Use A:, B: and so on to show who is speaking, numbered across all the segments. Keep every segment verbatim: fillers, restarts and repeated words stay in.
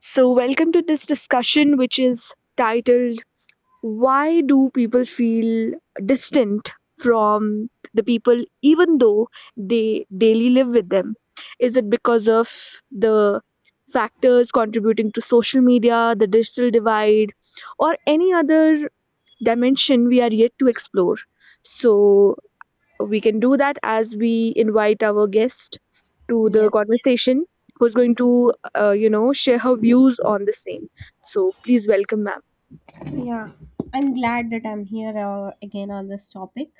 A: So, welcome to this discussion, which is titled Why Do People Feel Distant from the People Even Though They Daily Live with Them? Is it because of the factors contributing to social media, the digital divide, or any other dimension we are yet to explore? So, we can do that as we invite our guest to the
B: Yes.
A: conversation who's going to uh, you know share her views on the same, so please welcome ma'am.
B: Yeah. I'm glad that I'm here uh, again on this topic.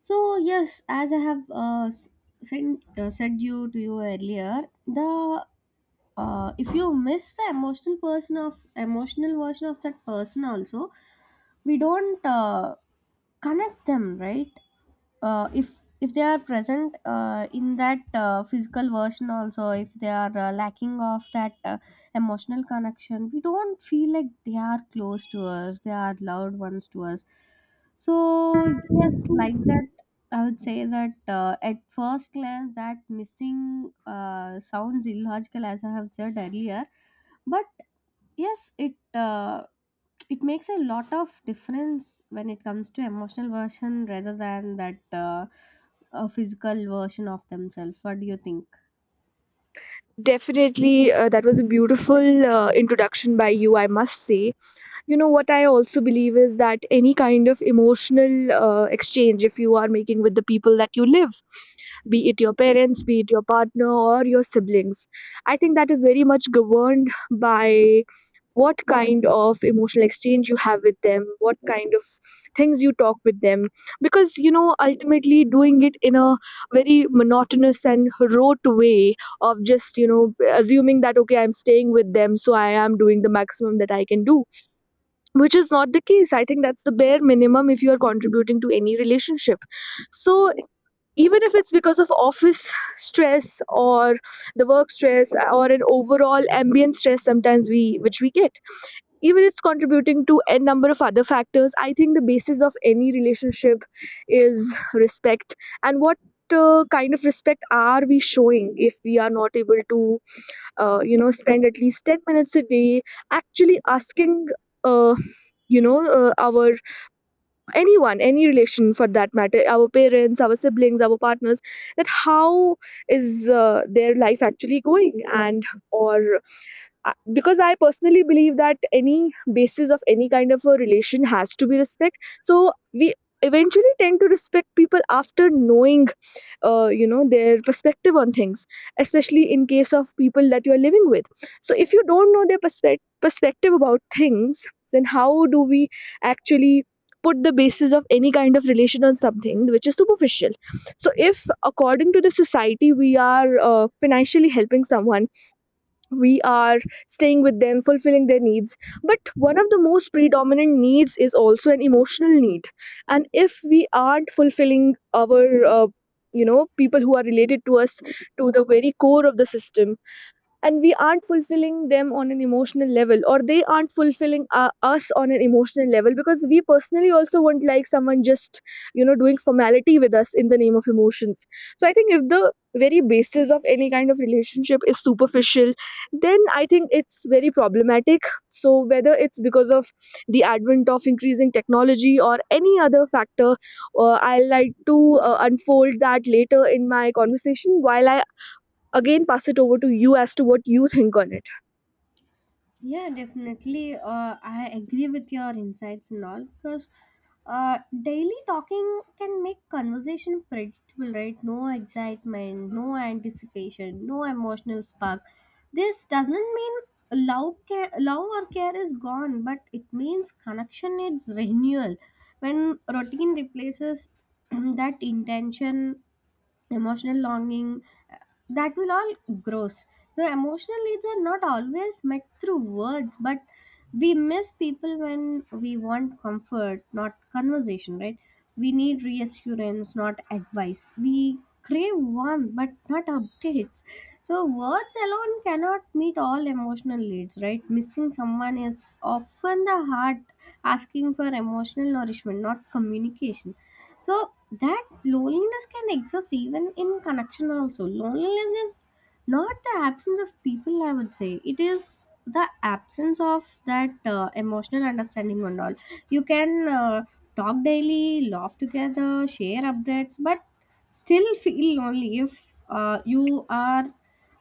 B: So, yes, as I have uh, s- sent, uh, said you to you earlier, the uh, if you miss the emotional person of emotional version of that person also, we don't uh, connect them, right? uh, if if they are present uh, in that uh, physical version also, if they are uh, lacking of that uh, emotional connection, we don't feel like they are close to us, they are loved ones to us. So yes, like that, I would say that uh, at first glance that missing uh, sounds illogical as I have said earlier, but yes, it uh, it makes a lot of difference when it comes to emotional version rather than that uh, a physical version of themselves. What do you think?
A: Definitely, uh, that was a beautiful uh, introduction by you, I must say. You know, what I also believe is that any kind of emotional uh, exchange, if you are making with the people that you live, be it your parents, be it your partner, or your siblings, I think that is very much governed by what kind of emotional exchange you have with them, what kind of things you talk with them. Because, you know, ultimately doing it in a very monotonous and rote way of just, you know, assuming that okay, I'm staying with them, so I am doing the maximum that I can do, which is not the case. I think that's the bare minimum if you are contributing to any relationship. So even if it's because of office stress or the work stress or an overall ambient stress sometimes we, which we get, even it's contributing to a number of other factors, I think the basis of any relationship is respect. And what uh, kind of respect are we showing if we are not able to uh, you know spend at least ten minutes a day actually asking uh, you know uh, our anyone, any relation for that matter, our parents, our siblings, our partners, that how is uh, their life actually going, and or I- because I personally believe that any basis of any kind of a relation has to be respect. So we eventually tend to respect people after knowing, uh, you know, their perspective on things, especially in case of people that you are living with. So if you don't know their perspective perspective about things, then how do we actually put the basis of any kind of relation on something which is superficial? So if, according to the society, we are uh, financially helping someone, we are staying with them, fulfilling their needs, but one of the most predominant needs is also an emotional need. And if we aren't fulfilling our uh, you know people who are related to us to the very core of the system, and we aren't fulfilling them on an emotional level, or they aren't fulfilling uh, us on an emotional level, because we personally also won't like someone just, you know, doing formality with us in the name of emotions. So I think if the very basis of any kind of relationship is superficial, then I think it's very problematic. So whether it's because of the advent of increasing technology or any other factor, uh, I'll like to uh, unfold that later in my conversation while I again pass it over to you as to what you think on it.
B: Yeah, definitely. Uh, I agree with your insights and all, because uh, daily talking can make conversation predictable, right? No excitement, no anticipation, no emotional spark. This doesn't mean love, care, love or care is gone, but it means connection needs renewal. When routine replaces that intention, emotional longing, uh, that will all grows. So emotional needs are not always met through words, but we miss people when we want comfort not conversation, right? We need reassurance not advice, we crave warmth but not updates. So words alone cannot meet all emotional needs, right? Missing someone is often the heart asking for emotional nourishment, not communication. So that loneliness can exist even in connection also. Loneliness is not the absence of people, I would say. It is the absence of that uh, emotional understanding and all. You can uh, talk daily, laugh together, share updates, but still feel lonely if uh, you are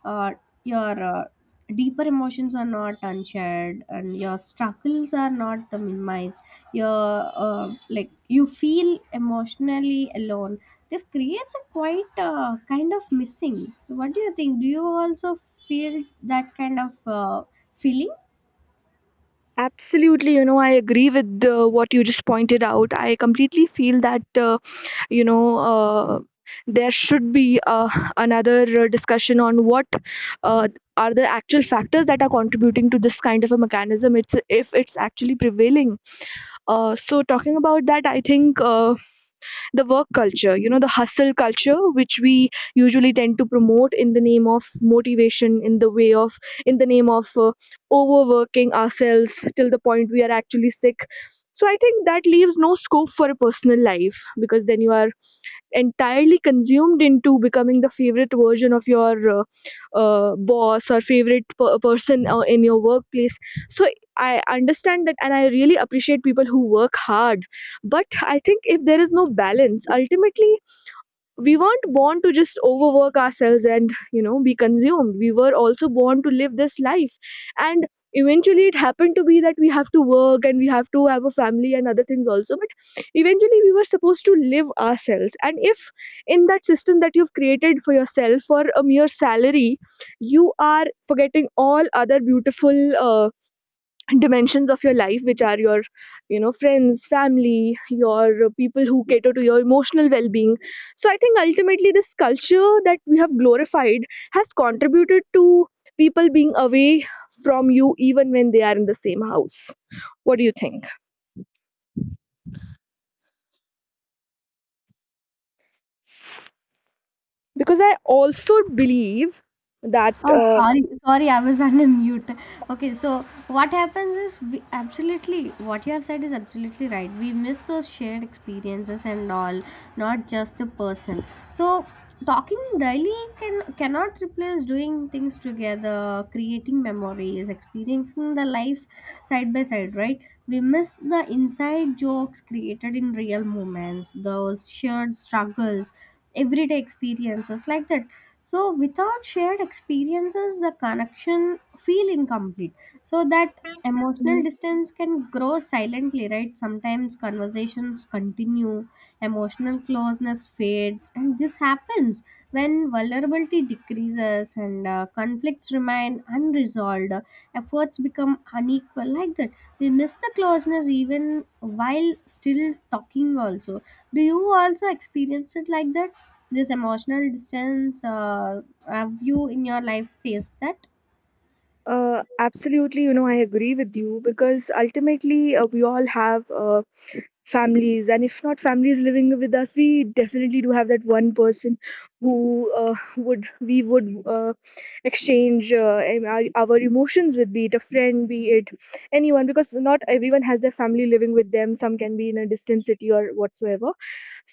B: uh, your uh, deeper emotions are not unshared and your struggles are not minimized, your uh, like, you feel emotionally alone. This creates a quite uh, kind of missing. What do you think? Do you also feel that kind of uh, feeling?
A: Absolutely, you know, I agree with uh, what you just pointed out. I completely feel that, uh, you know, uh, there should be uh, another uh, discussion on what uh, are the actual factors that are contributing to this kind of a mechanism. It's if it's actually prevailing. Uh, so talking about that, I think. Uh, the work culture, you know, the hustle culture which we usually tend to promote in the name of motivation, in the way of, in the name of uh, overworking ourselves till the point we are actually sick. So I think that leaves no scope for a personal life, because then you are entirely consumed into becoming the favorite version of your uh, uh, boss or favorite per- person uh, in your workplace. So I understand that, and I really appreciate people who work hard, but I think if there is no balance, ultimately, we weren't born to just overwork ourselves and, you know, be consumed. We were also born to live this life. And eventually it happened to be that we have to work and we have to have a family and other things also, but eventually we were supposed to live ourselves. And if in that system that you've created for yourself for a mere salary, you are forgetting all other beautiful uh, dimensions of your life, which are your, you know, friends, family, your uh, people who cater to your emotional well-being. So I think ultimately this culture that we have glorified has contributed to people being away from you even when they are in the same house. What do you think? Because I also believe that
B: Oh,
A: uh,
B: sorry, sorry, I was on a mute. Okay, so what happens is, we absolutely, what you have said is absolutely right. We miss those shared experiences and all, not just a person. So talking daily can cannot replace doing things together, creating memories, experiencing the life side by side, right? We miss the inside jokes created in real moments, those shared struggles, everyday experiences, like that. So without shared experiences the connection feel incomplete, so that emotional distance can grow silently, right? Sometimes conversations continue, emotional closeness fades, and this happens when vulnerability decreases and uh, conflicts remain unresolved, efforts become unequal, like that. We miss the closeness even while still talking also. Do you also experience it like that? This emotional distance? Uh, have you in your life faced that?
A: uh, absolutely, you know, I agree with you because ultimately uh, we all have uh, families, and if not families living with us, we definitely do have that one person who uh, would we would uh, exchange uh, em- our, our emotions with, be it a friend, be it anyone, because not everyone has their family living with them. Some can be in a distant city or whatsoever.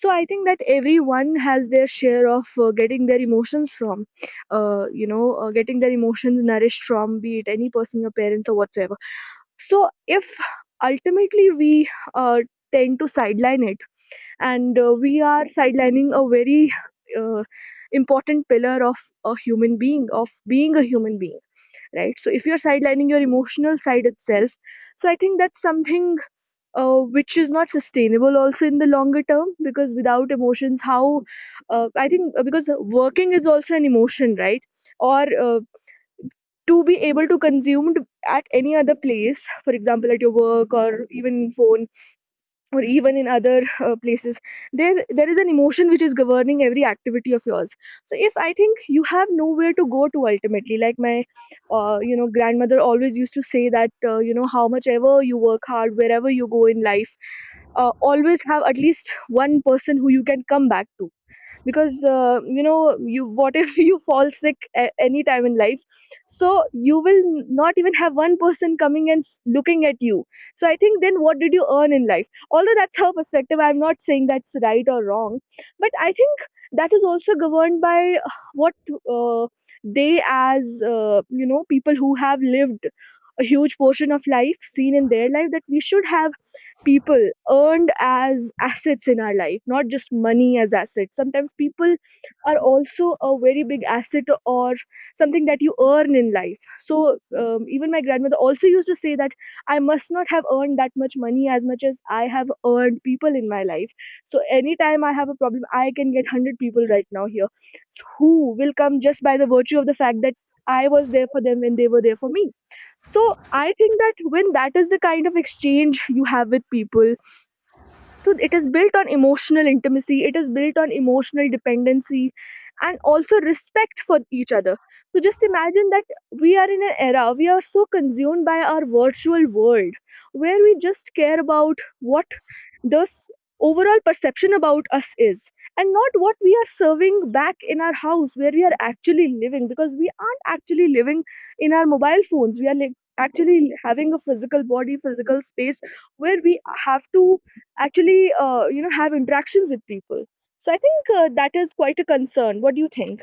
A: So I think that everyone has their share of uh, getting their emotions from uh, you know uh, getting their emotions nourished from, be it any person, your parents or whatsoever. So if ultimately we uh, tend to sideline it, and uh, we are sidelining a very uh, important pillar of a human being, of being a human being, right? So if you're sidelining your emotional side itself, so I think that's something uh, which is not sustainable also in the longer term, because without emotions how, uh, I think uh, because working is also an emotion, right? Or uh, to be able to consume at any other place, for example at your work or even phone or even in other uh, places, there there is an emotion which is governing every activity of yours. So if, I think, you have nowhere to go to ultimately, like my uh, you know grandmother always used to say that uh, you know how much ever you work hard, wherever you go in life, uh, always have at least one person who you can come back to. Because uh, you know you what if you fall sick at any time in life, so you will not even have one person coming and s- looking at you. So I think then what did you earn in life? Although that's her perspective, I'm not saying that's right or wrong, but I think that is also governed by uh, what uh, they, as uh, you know people who have lived a huge portion of life, seen in their life, that we should have people earned as assets in our life, not just money as assets. Sometimes people are also a very big asset or something that you earn in life. So um, even my grandmother also used to say that I must not have earned that much money as much as I have earned people in my life. So anytime I have a problem, I can get one hundred people right now here who will come just by the virtue of the fact that I was there for them when they were there for me. So I think that when that is the kind of exchange you have with people, so it is built on emotional intimacy, it is built on emotional dependency, and also respect for each other. So just imagine that we are in an era, we are so consumed by our virtual world, where we just care about what this overall perception about us is, and not what we are serving back in our house where we are actually living. Because we aren't actually living in our mobile phones, we are like actually having a physical body, physical space, where we have to actually, uh, you know have interactions with people. So I think uh, that is quite a concern. What do you think?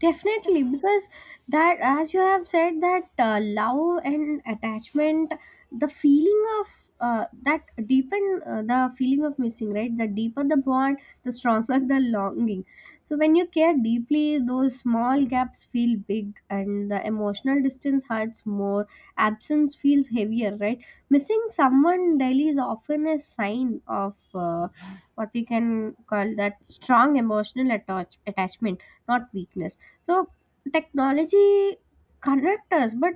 B: Definitely, because that, as you have said, that uh, love and attachment, the feeling of uh, that deepen uh, the feeling of missing, right? The deeper the bond, the stronger the longing. So, when you care deeply, those small gaps feel big, and the emotional distance hurts more. Absence feels heavier, right? Missing someone daily is often a sign of. Uh, what we can call that strong emotional attach- attachment, not weakness. So technology connect us, but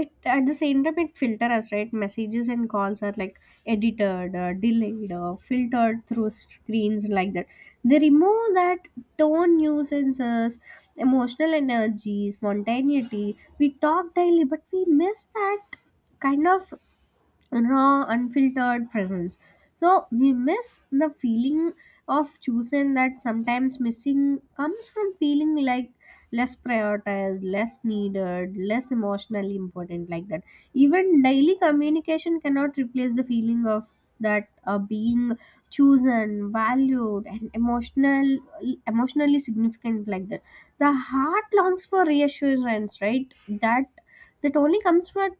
B: it, at the same time it filter us, right? Messages and calls are like edited or delayed or filtered through screens, like that. They remove that tone, nuisances, emotional energy, spontaneity. We talk daily but we miss that kind of raw, unfiltered presence. So we miss the feeling of choosing that. Sometimes missing comes from feeling like less prioritized, less needed, less emotionally important, like that. Even daily communication cannot replace the feeling of that uh, being chosen, valued, and emotional, emotionally significant, like that. The heart longs for reassurance, right? That that only comes from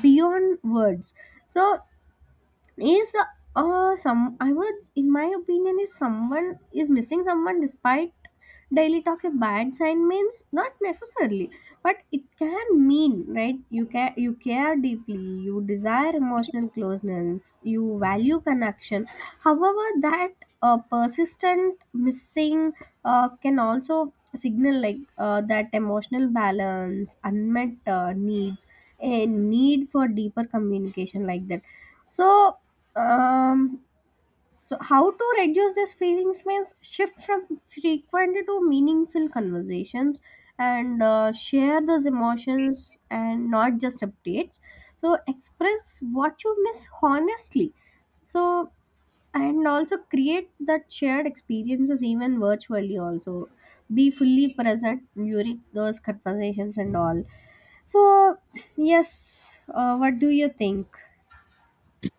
B: beyond words. So is, uh some I would in my opinion, is someone is missing someone despite daily talk a bad sign? Means, not necessarily, but it can mean, right? You can, you care deeply, you desire emotional closeness, you value connection. However, that uh, persistent missing uh, can also signal, like uh, that emotional balance, unmet uh, needs, a need for deeper communication, like that. So um so how to reduce these feelings? Means, shift from frequent to meaningful conversations, and uh, share those emotions and not just updates. So express what you miss honestly. So, and also create that shared experiences, even virtually also. Be fully present during those conversations and all. So yes, uh, what do you think?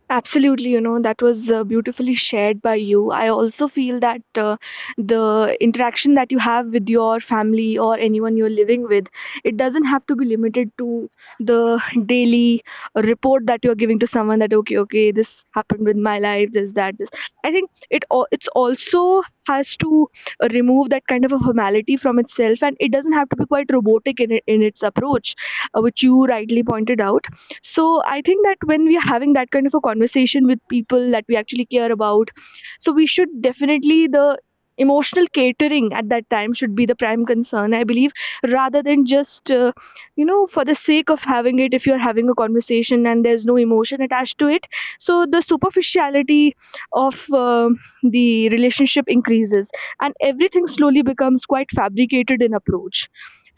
A: Absolutely, you know, that was uh, beautifully shared by you. I also feel that uh, the interaction that you have with your family or anyone you're living with, it doesn't have to be limited to the daily report that you're giving to someone, that okay, okay, this happened with my life, this, that, this. I think it al- it's also has to remove that kind of a formality from itself, and it doesn't have to be quite robotic in it, in its approach, uh, which you rightly pointed out. So I think that when we are having that kind of a conversation with people that we actually care about, so we should definitely, the emotional catering at that time should be the prime concern, I believe, rather than just, uh, you know for the sake of having it. If you're having a conversation and there's no emotion attached to it, so the superficiality of um the relationship increases, and everything slowly becomes quite fabricated in approach.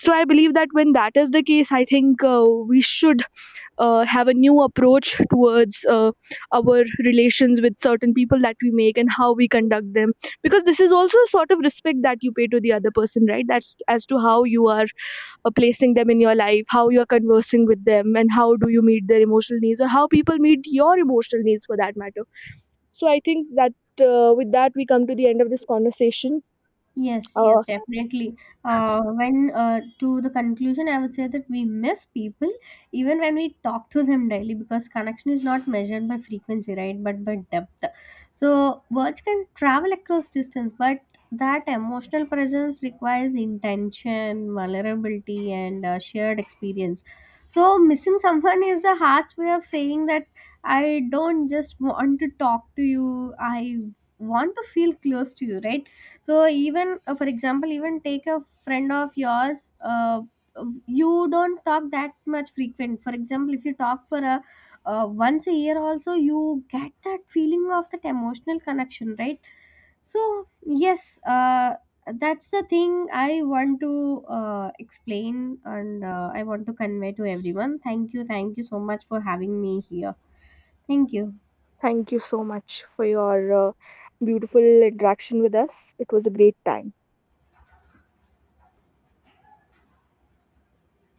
A: So I believe that when that is the case, I think uh, we should uh, have a new approach towards uh, our relations with certain people that we make and how we conduct them. Because this is also a sort of respect that you pay to the other person, right? That's as to how you are uh, placing them in your life, how you are conversing with them, and how do you meet their emotional needs, or how people meet your emotional needs for that matter. So I think that, uh, with that, we come to the end of this conversation.
B: Yes,
A: uh,
B: yes, definitely. Uh, when uh, To the conclusion, I would say that we miss people even when we talk to them daily because connection is not measured by frequency, right? But by depth. So words can travel across distance, but that emotional presence requires intention, vulnerability, and uh, shared experience. So missing someone is the heart's way of saying that I don't just want to talk to you. I want to feel close to you, right? So even uh, for example, even take a friend of yours. Uh, you don't talk that much frequent. For example, if you talk for a uh, once a year also, you get that feeling of that emotional connection, right? So, yes, uh, that's the thing I want to uh, explain, and uh, I want to convey to everyone. Thank you. Thank you so much for having me here. Thank you.
A: Thank you so much for your uh, beautiful interaction with us. It was a great time.